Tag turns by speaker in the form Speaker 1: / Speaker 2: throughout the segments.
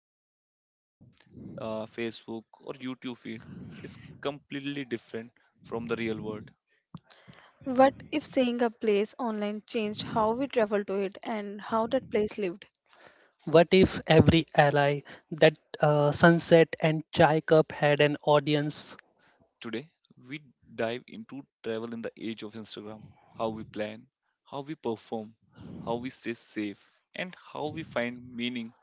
Speaker 1: through Instagram, Facebook, or YouTube feed is completely different from the real world?
Speaker 2: What if every ally, that sunset and chai cup had an audience?
Speaker 1: Today, we dive into travel in the age of Instagram, how we plan, how we perform, how we stay safe, and how we find meaning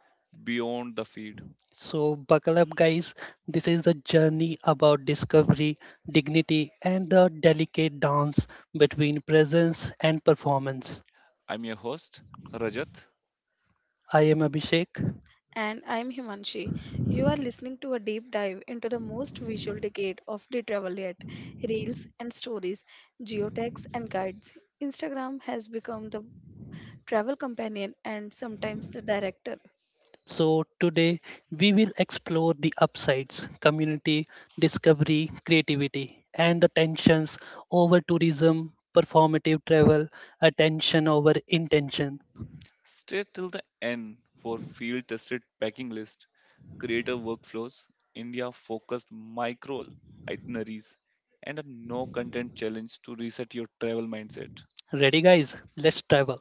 Speaker 1: beyond the feed.
Speaker 2: So, buckle up, guys. This is a journey about discovery, dignity, and the delicate dance between presence and performance.
Speaker 1: I'm your host, Rajat.
Speaker 2: I am Abhishek. So, today we will explore the upsides, community, discovery, creativity, and the tensions over tourism, performative travel, attention over intention.
Speaker 1: Stay till the end for field tested packing list, creator workflows, India focused micro itineraries, and a no content challenge to reset your travel mindset.
Speaker 2: Ready, guys? Let's travel.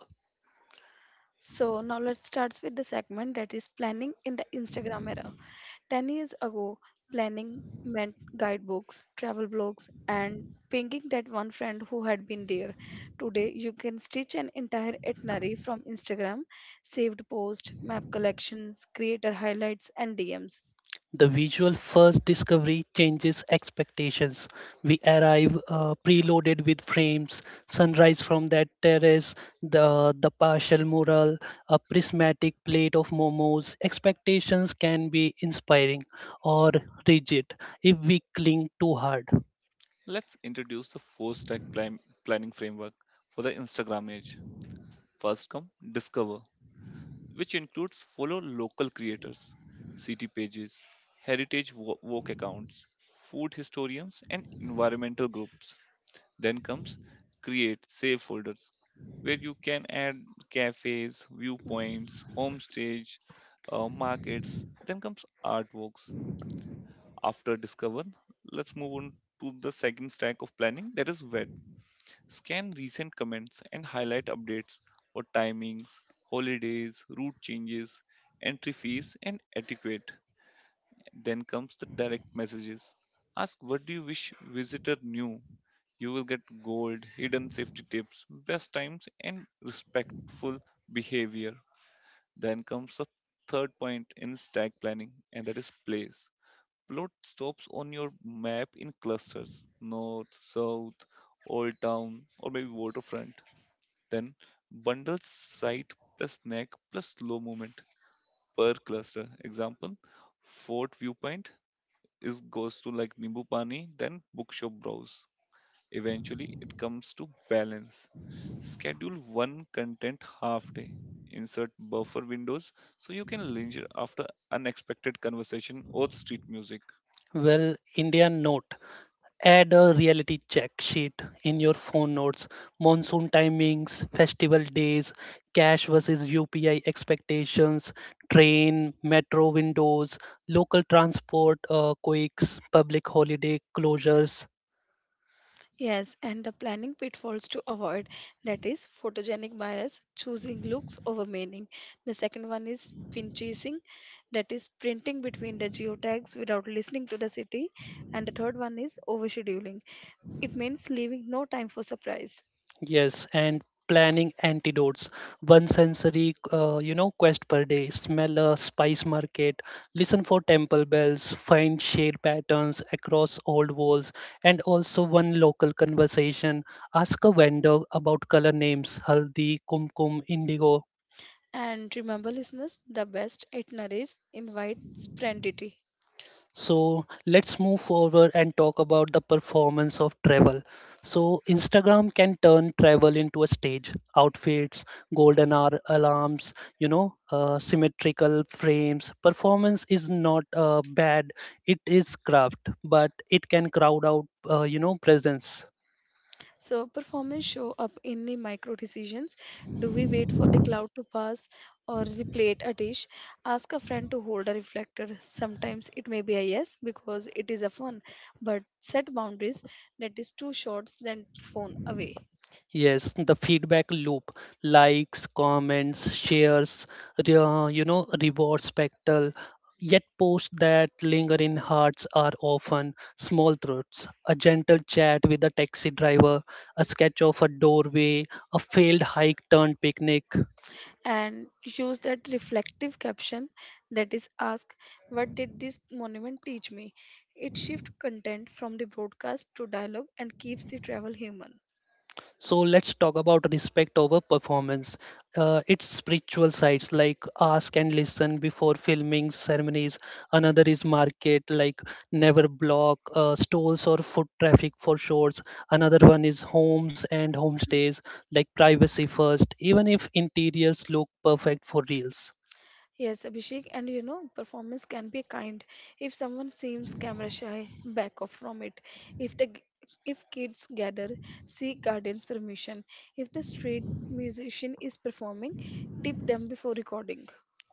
Speaker 2: The visual first discovery changes expectations. We arrive preloaded with frames, sunrise from that terrace, the partial mural, a prismatic plate of momos. Expectations can be inspiring or rigid if we cling too hard.
Speaker 1: Let's introduce the planning framework for the Instagram age. First come Discover, which includes follow local creators, city pages, heritage walk accounts, food historians, and environmental groups. Then comes Create save folders where you can add cafes, viewpoints, homestays, markets. Then comes artworks. After Discover, let's move on to the second stack of planning, that is web. Scan recent comments and highlight updates for timings, holidays, route changes, entry fees, and etiquette. Then comes the direct messages. Ask what do you wish visitor knew. You will get gold, hidden safety tips, best times, and respectful behavior. Then comes the third point in stack planning, and that is place. Plot stops on your map in clusters north, south, old town, or maybe waterfront. Then bundle site plus neck plus slow movement per cluster. Example Fort Viewpoint is goes to like nimbu pani, then bookshop browse. Eventually, it comes to balance. Schedule one content half day. Insert buffer windows so you can linger after unexpected conversation or street music.
Speaker 2: Well, Indian note. Add a reality check sheet in your phone notes, monsoon timings, festival days, cash versus UPI expectations, train, metro windows, local transport quakes, public holiday closures, yes, and planning antidotes. One sensory, quest per day. Smell a spice market, listen for temple bells, find shade patterns across old walls, and also one local conversation. Ask a vendor about color names, haldi, kumkum, indigo. So let's move forward and talk about the performance of travel. So Instagram can turn travel into a stage. Outfits, golden hour alarms, symmetrical frames. Performance is not bad. It is craft, but it can crowd out, presence. Yes, the feedback loop, likes, comments, shares, reward spectral. Yet posts that linger in hearts are often small truths. A gentle chat with a taxi driver, a sketch of a doorway, a failed hike turned picnic. So let's talk about respect over performance. It's spiritual sides like ask and listen before filming ceremonies. Another is market like never block stalls or foot traffic for shorts. Another one is homes and homestays like privacy first, even if interiors look perfect for reels.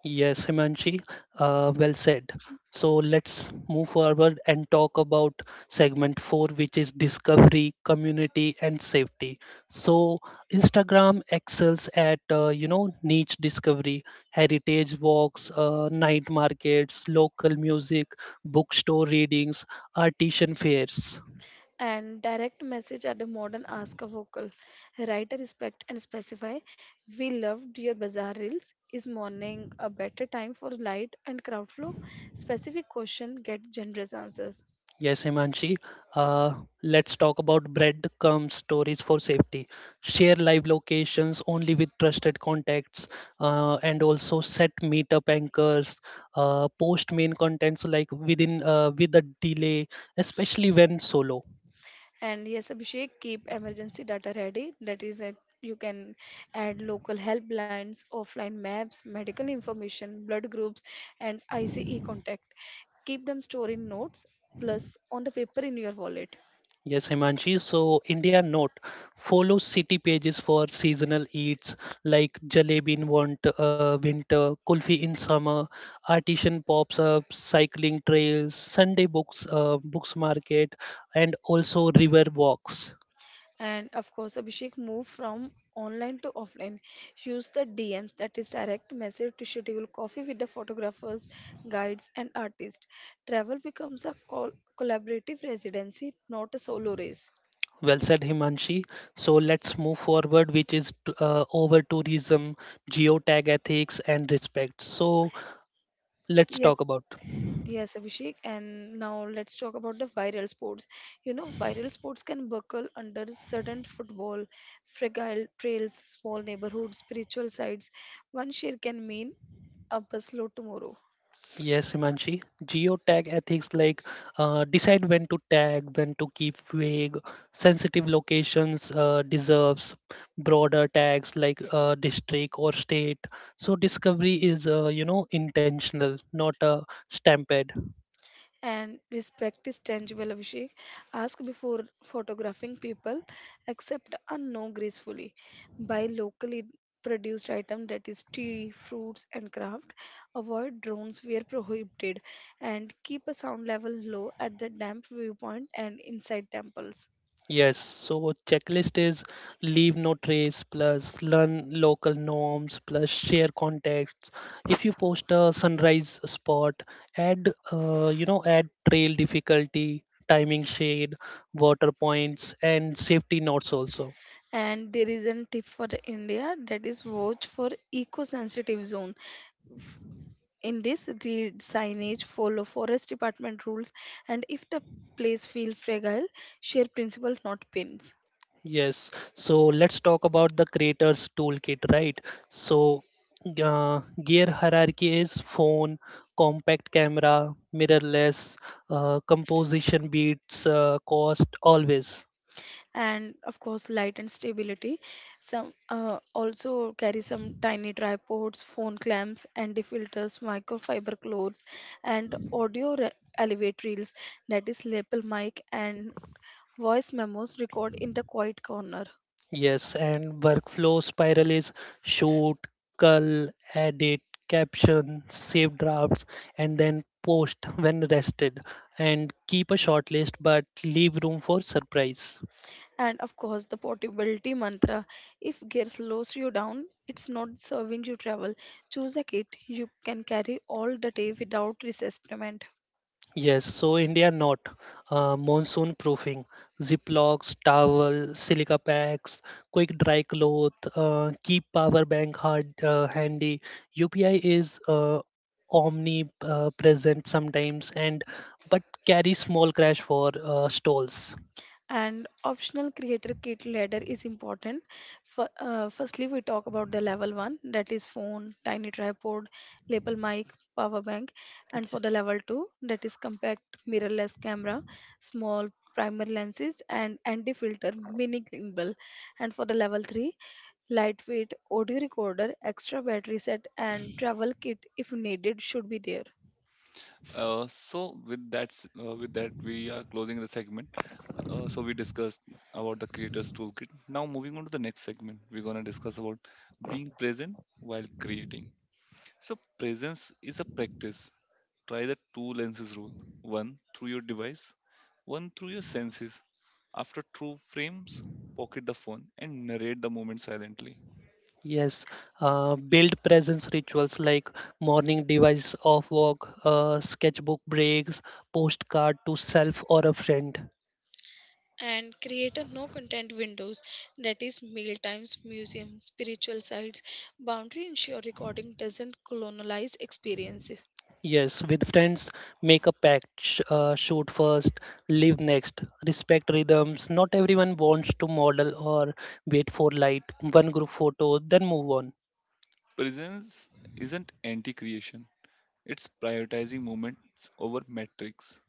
Speaker 2: Yes, Himanshi, well said. So let's move forward and talk about segment four, which is discovery, community, and safety. So Instagram excels at niche discovery, heritage walks, night markets, local music, bookstore readings, artisan fairs. Yes, Himanshi. Uh, let's talk about breadcrumb stories for safety. Share live locations only with trusted contacts, and also set meetup anchors. Post main contents like with a delay, especially when solo. Yes, Himanshi. So India note follows city pages for seasonal eats like jalebi in winter, kulfi in summer, artisan pops up, cycling trails, Sunday books market, and also river walks. Well said, Himanshi. So let's move forward, which is over tourism, geotag ethics, and respect. So let's talk about. Yes, Himanshi. Geotag ethics like decide when to tag, when to keep vague. Sensitive locations deserves broader tags like district or state. So discovery is intentional, not a stampede. Yes, so checklist is leave no trace plus learn local norms plus share contacts. If you post a sunrise spot, add add trail difficulty, timing shade, water points, and safety notes also. Yes, so let's talk about the creators toolkit, right? So, gear hierarchy is phone, compact camera, mirrorless, composition beats cost, always. Yes, and workflow spiral is shoot, cull, edit, caption, save drafts, and then post when rested. And keep a short list, but leave room for surprise. Yes, so India not monsoon proofing, Ziplocs, towel, silica packs, quick dry cloth, keep power bank hard handy. UPI is omnipresent sometimes and but carry small crash for stalls. Yes.
Speaker 1: So with that, with that, we are closing the segment. So we discussed about the creators toolkit. Now moving on to the next segment, we're gonna discuss about being present while creating. So presence is a practice. Try the two lenses rule, one through your device, one through your senses. After two frames, pocket the phone and narrate the moment silently.
Speaker 2: Yes, build presence rituals like morning device off walk, sketchbook breaks, postcard to self or a friend. Yes, with friends, make a pact, shoot first, live next, respect rhythms. Not everyone wants to model or wait for light, one group photo, then move on.
Speaker 1: Presence isn't anti creation, it's prioritizing moments over metrics.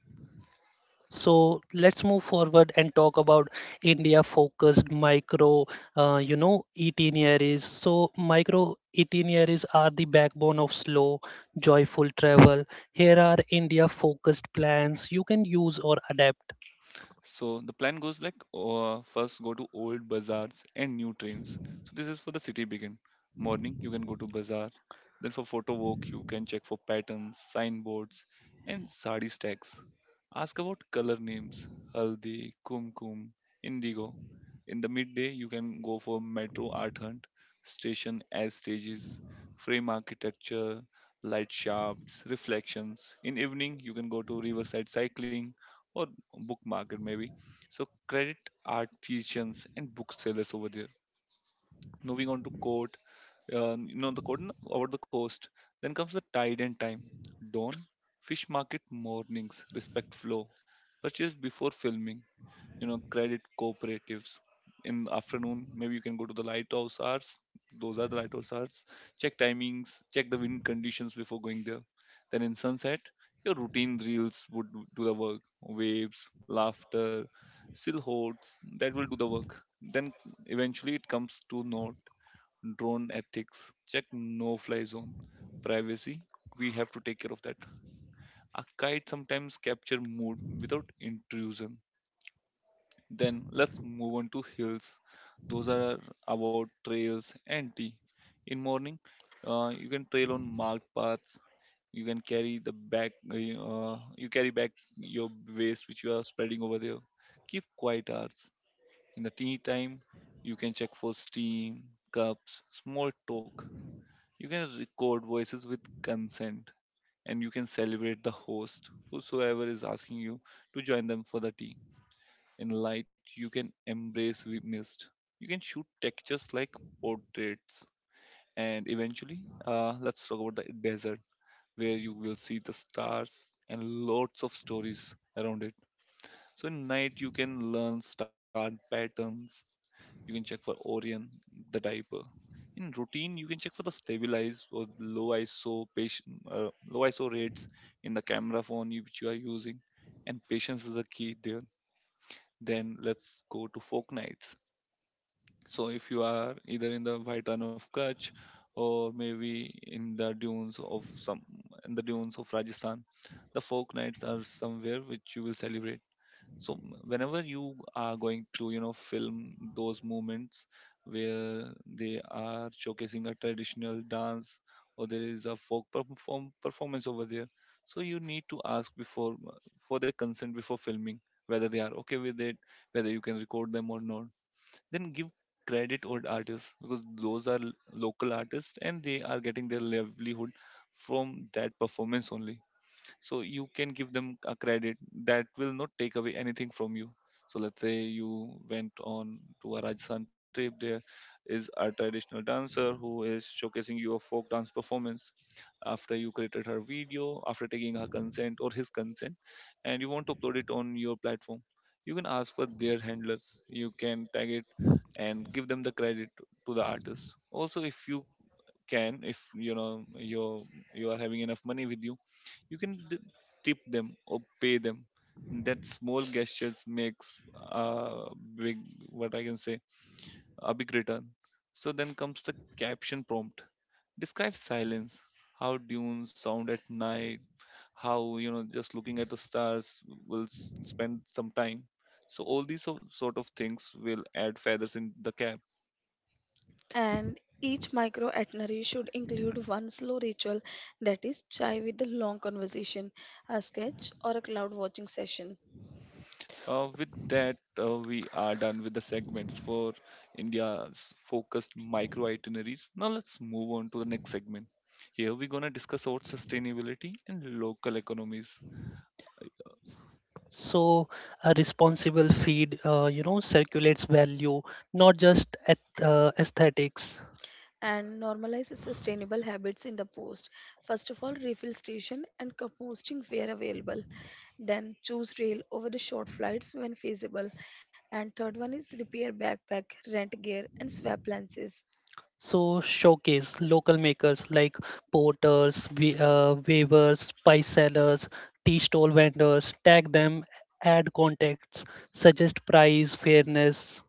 Speaker 2: So let's move forward and talk about India focused micro itineraries. So, micro itineraries are the backbone of slow, joyful travel. Here are India focused plans you can use or adapt.
Speaker 1: So the plan goes like, first go to old bazaars and new trains. So this is for the city begin. Morning you can go to bazaar. Then for photo walk you can check for patterns, signboards, and sari stacks. Ask about color names, haldi, kumkum, indigo. In the midday you can go for metro art hunt, station as stages, frame architecture, light shafts, reflections. In evening you can go to riverside cycling or book market maybe. So credit artisans and booksellers over there. Moving on to court, you know the court over the coast. Then comes the tide and time, dawn, fish market mornings, respect flow, purchase before filming, you know credit cooperatives. In the afternoon maybe you can go to the lighthouse hours, those are the lighthouse hours. Check timings, check the wind conditions before going there. Then in sunset your routine reels would do the work. Waves, laughter, silhouettes, that will do the work. Then eventually it comes to note, drone ethics, check no fly zone, privacy, we have to take care of that. A kite sometimes capture mood without intrusion. Then let's move on to hills. Those are about trails and tea. In morning, you can trail on marked paths. You can carry the back. You carry back your waste which you are spreading over there. Keep quiet hours. In the tea time, you can check for steam, cups, small talk. You can record voices with consent, and you can celebrate the host whosoever is asking you to join them for the tea. In light, you can embrace we mist. You can shoot textures like portraits. And eventually, let's talk about the desert, where you will see the stars and lots of stories around it. So in night, you can learn star patterns. You can check for Orion, the diaper. In routine, you can check for the stabilize or low ISO patient, uh, low ISO rates in the camera phone which you are using, and patience is the key there. Then let's go to folk nights. So if you are either in the White Run of Kutch or maybe in the dunes of Rajasthan, the folk nights are somewhere which you will celebrate. So m- whenever you are going to, you know, film those moments where they are showcasing a traditional dance or there is a folk performance over there, so you need to ask before for the consent before filming whether they are okay with it, whether you can record them or not. Then give credit or artists, because those are local artists and they are getting their livelihood from that performance only, so you can give them a credit. That will not take away anything from you. So let's say you went on to a Rajasthan trip. There is a traditional dancer who is showcasing your folk dance performance. After you created her video after taking her consent or his consent, and you want to upload it on your platform, you can ask for their handlers, you can tag it and give them the credit to the artist also. If you can, if you know you're, you are having enough money with you, you can tip them or pay them. That small gestures makes a big, what I can say, a big return. So then comes the caption prompt. Describe silence. How dunes sound at night. How, you know, just looking at the stars will spend some time. So all these sort of things will add feathers in the cap. With that, we are done with the segments for India's focused micro itineraries. Now let's move on to the next segment. Here we're gonna discuss about sustainability and local economies.
Speaker 2: So a responsible feed, circulates value, not just aesthetics. So showcase local makers like porters, weavers, spice sellers, tea stall vendors. Tag them, add contacts, suggest price, fairness,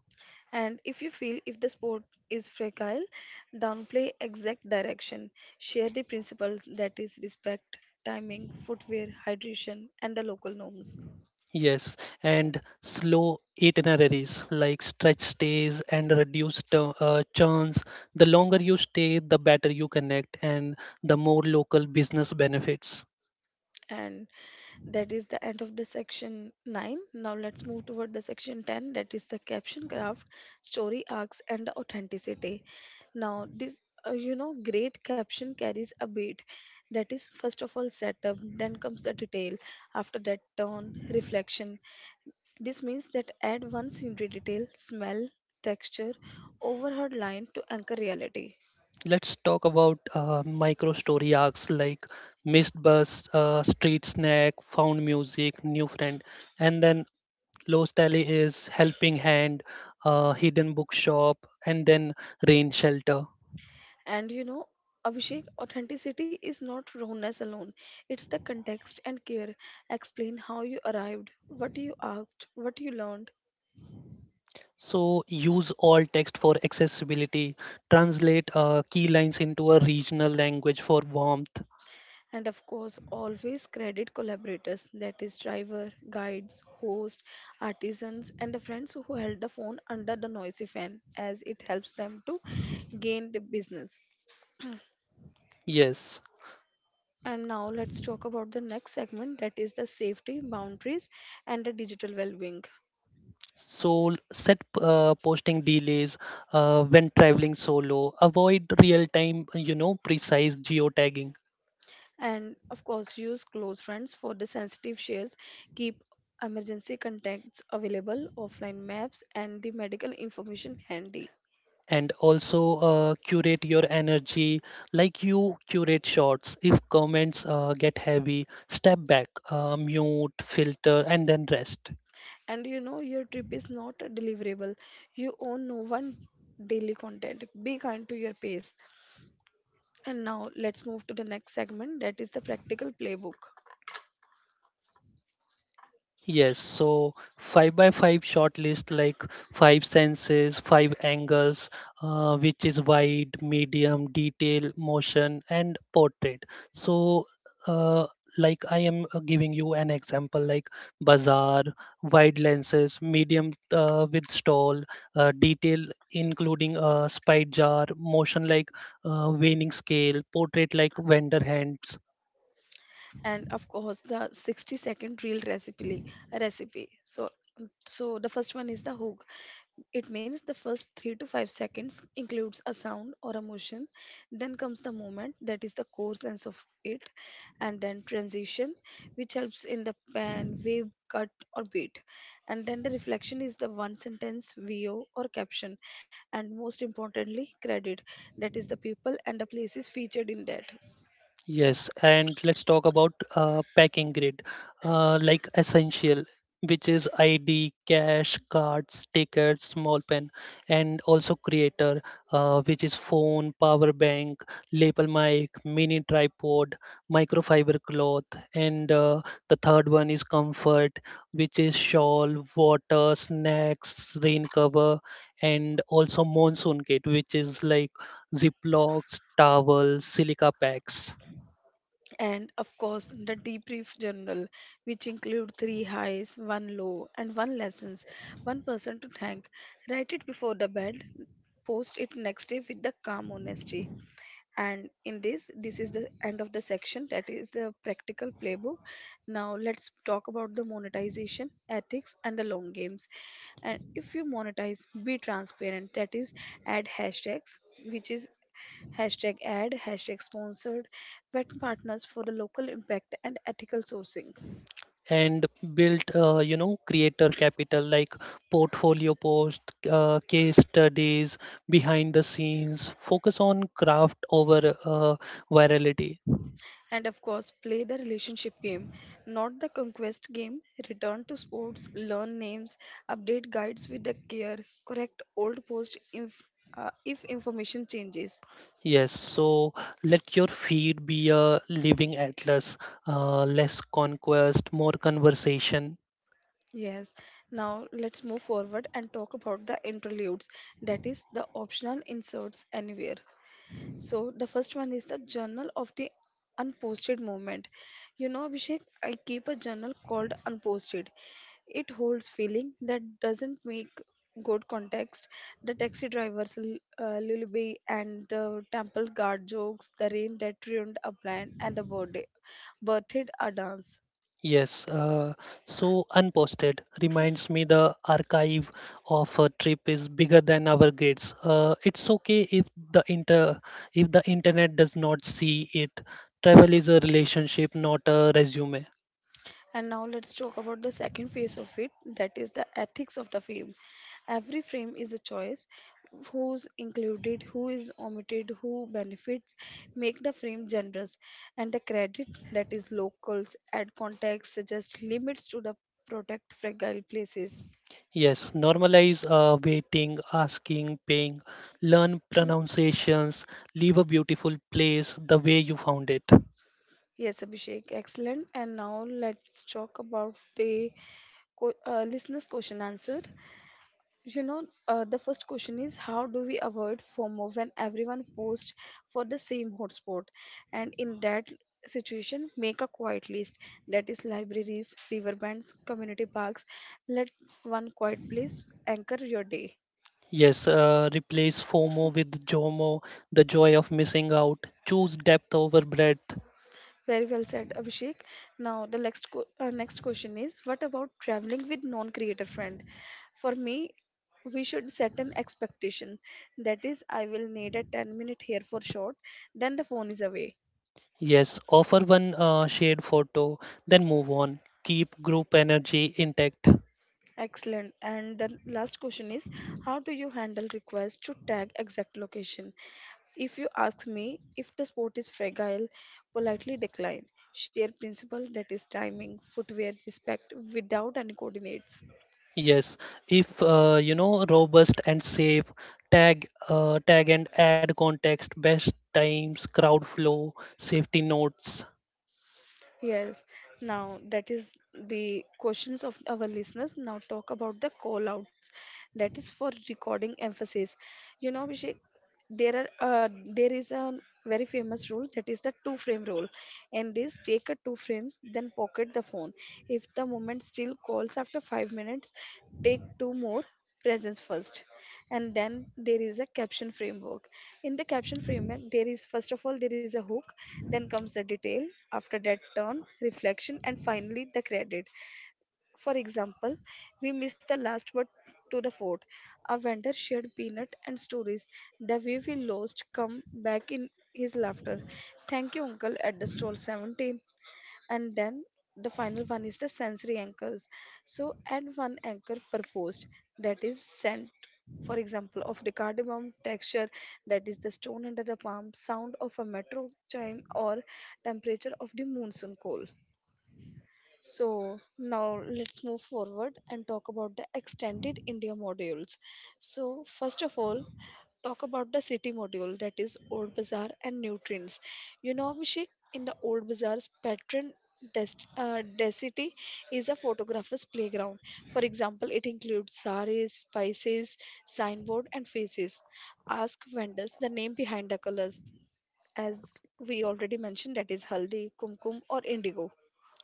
Speaker 2: yes, and slow itineraries like stretch stays and reduced churns. The longer you stay, the better you connect and the more local business benefits. Let's talk about micro story arcs like missed bus, street snack, found music, new friend, and then Lost Alley is helping hand, hidden bookshop, and then rain shelter. So use all text for accessibility. Translate key lines into a regional language for warmth. Yes. So set posting delays when traveling solo. Avoid real-time, precise geotagging. And also curate your energy like you curate shots. If comments get heavy, step back, mute, filter, and then rest. Yes, so five by five short list like five senses, five angles, which is wide, medium, detail, motion, and portrait. So, uh, like I am giving you an example like bazaar, wide lenses, medium with stall, detail including a spy jar, motion like waning scale, portrait like vendor hands, yes, and let's talk about packing grid, like essential, which is ID, cash, cards, tickets, small pen, and also creator, which is phone, power bank, lapel mic, mini tripod, microfiber cloth, and the third one is comfort, which is shawl, water, snacks, rain cover, and also monsoon kit, which is like Ziplocs, towels, silica packs. And built creator capital like portfolio post case studies behind the scenes focus on craft over virality. Yes, so let your feed be a living atlas, less conquest more conversation. Yes, so unposted reminds me the archive of a trip is bigger than our gates. It's okay if the inter if the internet does not see it. Travel is a relationship, not a resume. Yes, normalize waiting, asking, paying, learn pronunciations, leave a beautiful place the way you found it. Yes, replace FOMO with JOMO, the joy of missing out. Choose depth over breadth. Yes, offer one shared photo, then move on. Keep group energy intact. Yes, if robust and safe, tag and add context, best times, crowd flow, safety notes.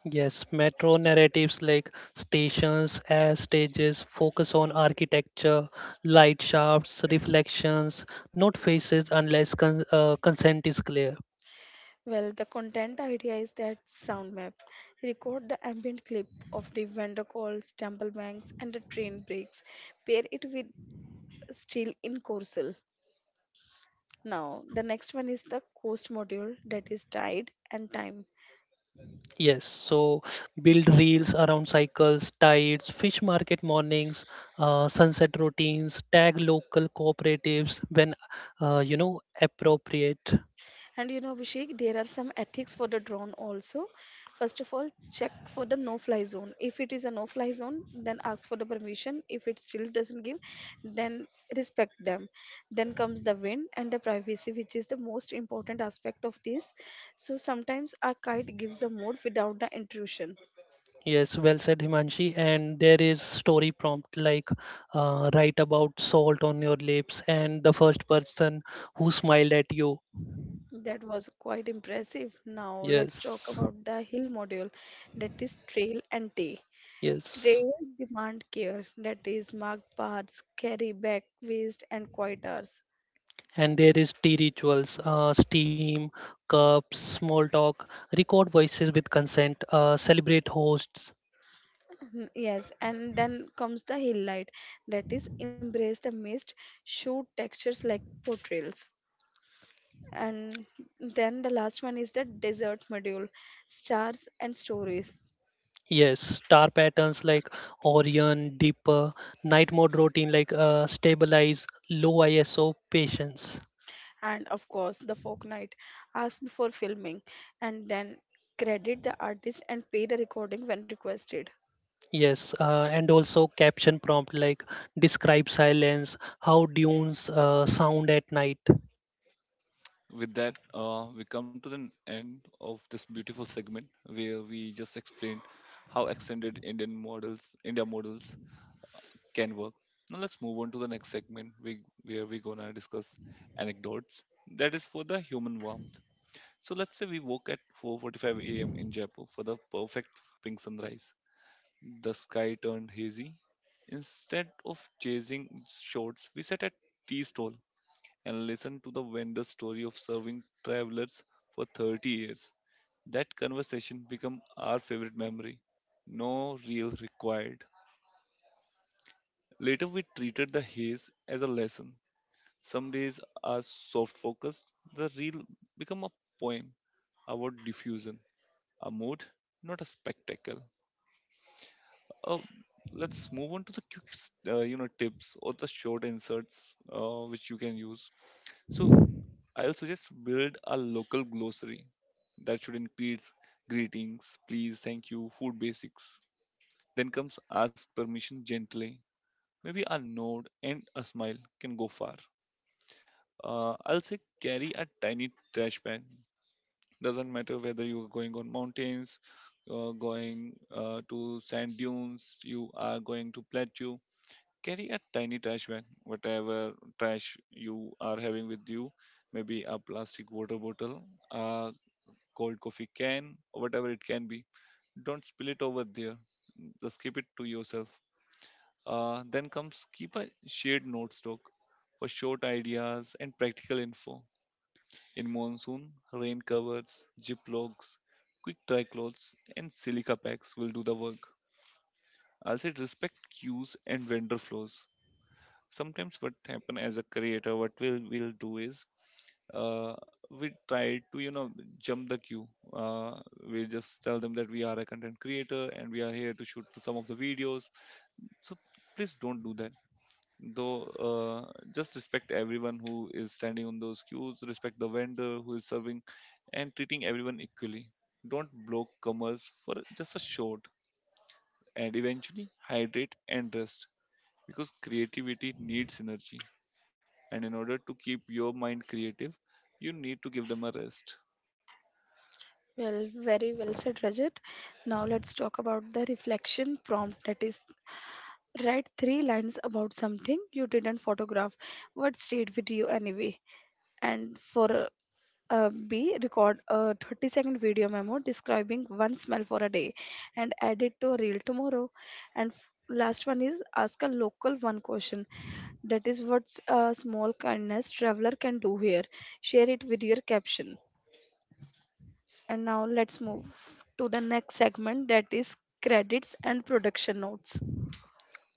Speaker 2: Yes, metro narratives like stations as stages focus on architecture, light shafts, reflections, not faces unless consent is clear. Yes, so build reels around cycles, tides, fish market mornings, sunset routines, tag local cooperatives when appropriate. Yes, well said, Himanshi. And there is story prompt like write about salt on your lips and the first person who smiled at you. Yes, yes. And there is tea rituals, steam, cups, small talk, record voices with consent, celebrate hosts. Yes, star patterns like Orion, Deeper, night mode routine like stabilize, low ISO, patience. Yes, and also caption prompt like describe silence, how dunes sound at night.
Speaker 1: With that, we come to the end of this beautiful segment where we just explained how extended India models can work. Now let's move on to the next segment, where we're gonna discuss anecdotes. That is for the human warmth. So let's say we woke at 4:45 a.m. in Jaipur for the perfect pink sunrise. The sky turned hazy. Instead of chasing shorts, we sat at tea stall and listened to the vendor's story of serving travelers for 30 years. That conversation became our favorite memory. No real required. Later, we treated the haze as a lesson. Some days are soft focused. The real become a poem about diffusion, a mood, not a spectacle. Uh, let's move on to the quick, you know, tips or the short inserts which you can use. So I'll suggest build a local glossary that should include greetings, please, thank you, food basics. Then comes ask permission gently. Maybe a nod and a smile can go far. I'll say carry a tiny trash bag, doesn't matter whether you're going on mountains, you're going to sand dunes, you are going to plateau. Carry a tiny trash bag. Whatever trash you are having with you, maybe a plastic water bottle, a cold coffee can or whatever it can be, don't spill it over there, just keep it to yourself. Uh, then comes keep a shared notes stock for short ideas and practical info. In monsoon, rain covers, zip logs, quick dry clothes, and silica packs will do the work. I'll say respect queues and vendor flows. Sometimes what happen as a creator, what we'll do is, uh, we try to, you know, jump the queue. Uh, we just tell them that we are a content creator and we are here to shoot some of the videos. So please don't do that though. Just respect everyone who is standing on those queues, respect the vendor who is serving and treating everyone equally. Don't block commerce for just a short. And eventually hydrate and rest, because creativity needs energy, and in order to keep your mind creative you need to give them a rest.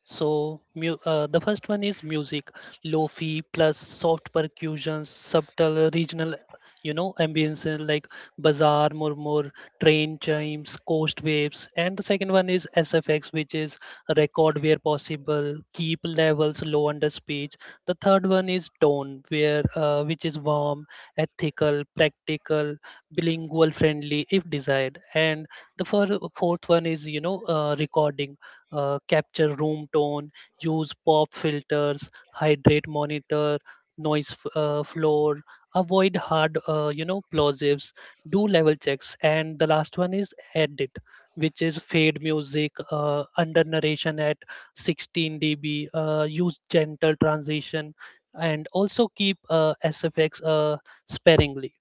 Speaker 2: So the first one is music, lofi plus soft percussions, subtle regional, ambience like bazaar, murmur, train chimes, coast waves, and the second one is SFX, which is record where possible, keep levels low under speech. The third one is tone, where which is warm, ethical, practical, bilingual friendly if desired, and the fourth one is recording, capture room tone, use pop filters, hydrate monitor, floor, avoid hard, plosives, do level checks, and the last one is edit, which is fade music, under narration at 16 dB, use gentle transition, and also keep SFX sparingly.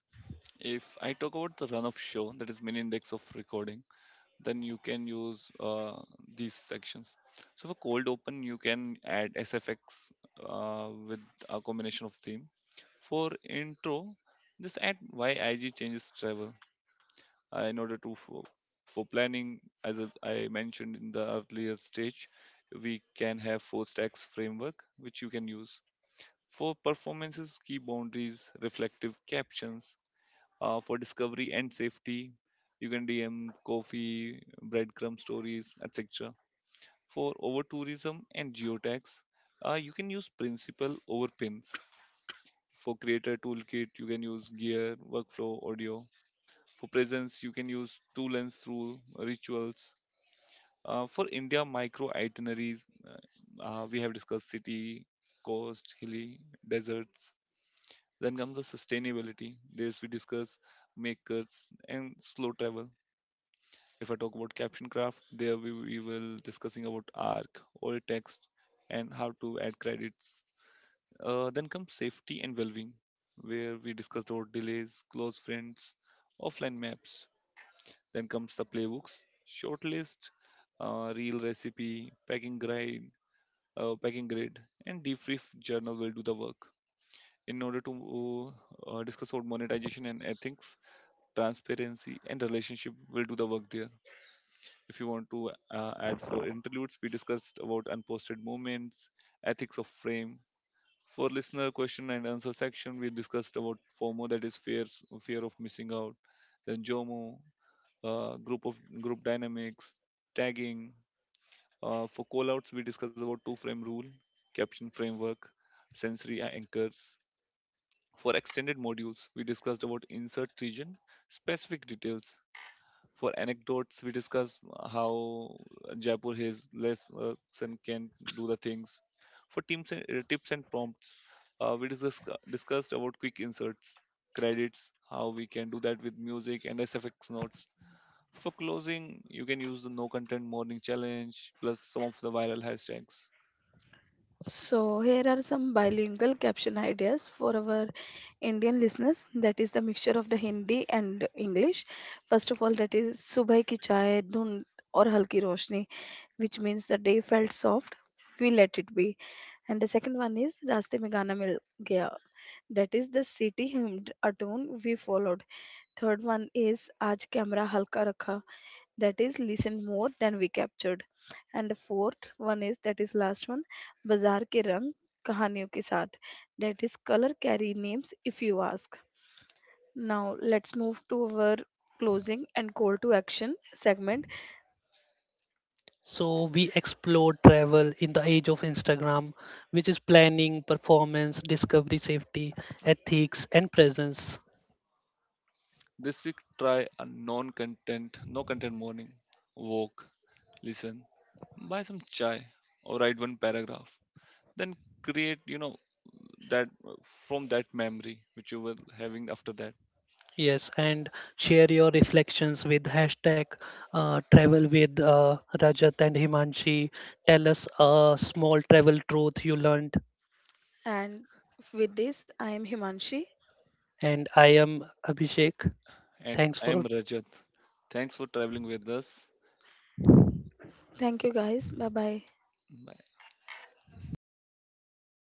Speaker 1: If I talk about the run of show, that is main index of recording, then you can use these sections. So for cold open you can add SFX with a combination of theme. For intro just add YIG changes travel. Uh, in order to for planning, as I mentioned in the earlier stage, we can have four stacks framework which you can use. For performances, key boundaries, reflective captions. Uh, for discovery and safety, you can DM coffee, breadcrumb stories, etc. For over tourism and geotags, you can use principal over pins. For creator toolkit, you can use gear, workflow, audio. For presence, you can use tool and through rituals. For India micro itineraries, we have discussed city, coast, hilly, deserts. Then comes the sustainability. This we discuss makers and slow travel. If I talk about caption craft, there we will discussing about arc, alt text, and how to add credits. Then comes safety and well-being, where we discussed about delays, close friends, offline maps. Then comes the playbooks, shortlist, real recipe, packing guide, packing grid, and debrief journal will do the work. In order to discuss about monetization and ethics, transparency and relationship will do the work there. If you want to add for interludes, we discussed about unposted movements, ethics of frame. For listener question and answer section, we discussed about FOMO, that is fear of missing out. Then JOMO, group dynamics, tagging. For callouts, we discussed about two frame rule, caption framework, sensory anchors. For extended modules, we discussed about insert region, specific details. For anecdotes, we discuss how Jaipur has less and can do the things. For teams and, tips and prompts, discussed about quick inserts, credits, how we can do that with music and SFX notes. For closing, you can use the no content morning challenge plus some of the viral hashtags.
Speaker 2: So we explore travel in the age of Instagram, which is planning, performance, discovery, safety, ethics, and presence.
Speaker 1: This week, try a no content morning. Walk, listen, buy some chai, or write one paragraph. Then create, you know, that, from that memory which you were having after that.
Speaker 2: Yes, and share your reflections with hashtag travel with Rajat and Himanshi. Tell us a small travel truth you learned. And I am Abhishek.
Speaker 1: And
Speaker 2: Thanks
Speaker 1: I am
Speaker 2: for
Speaker 1: Rajat. Thanks for traveling with us. Bye.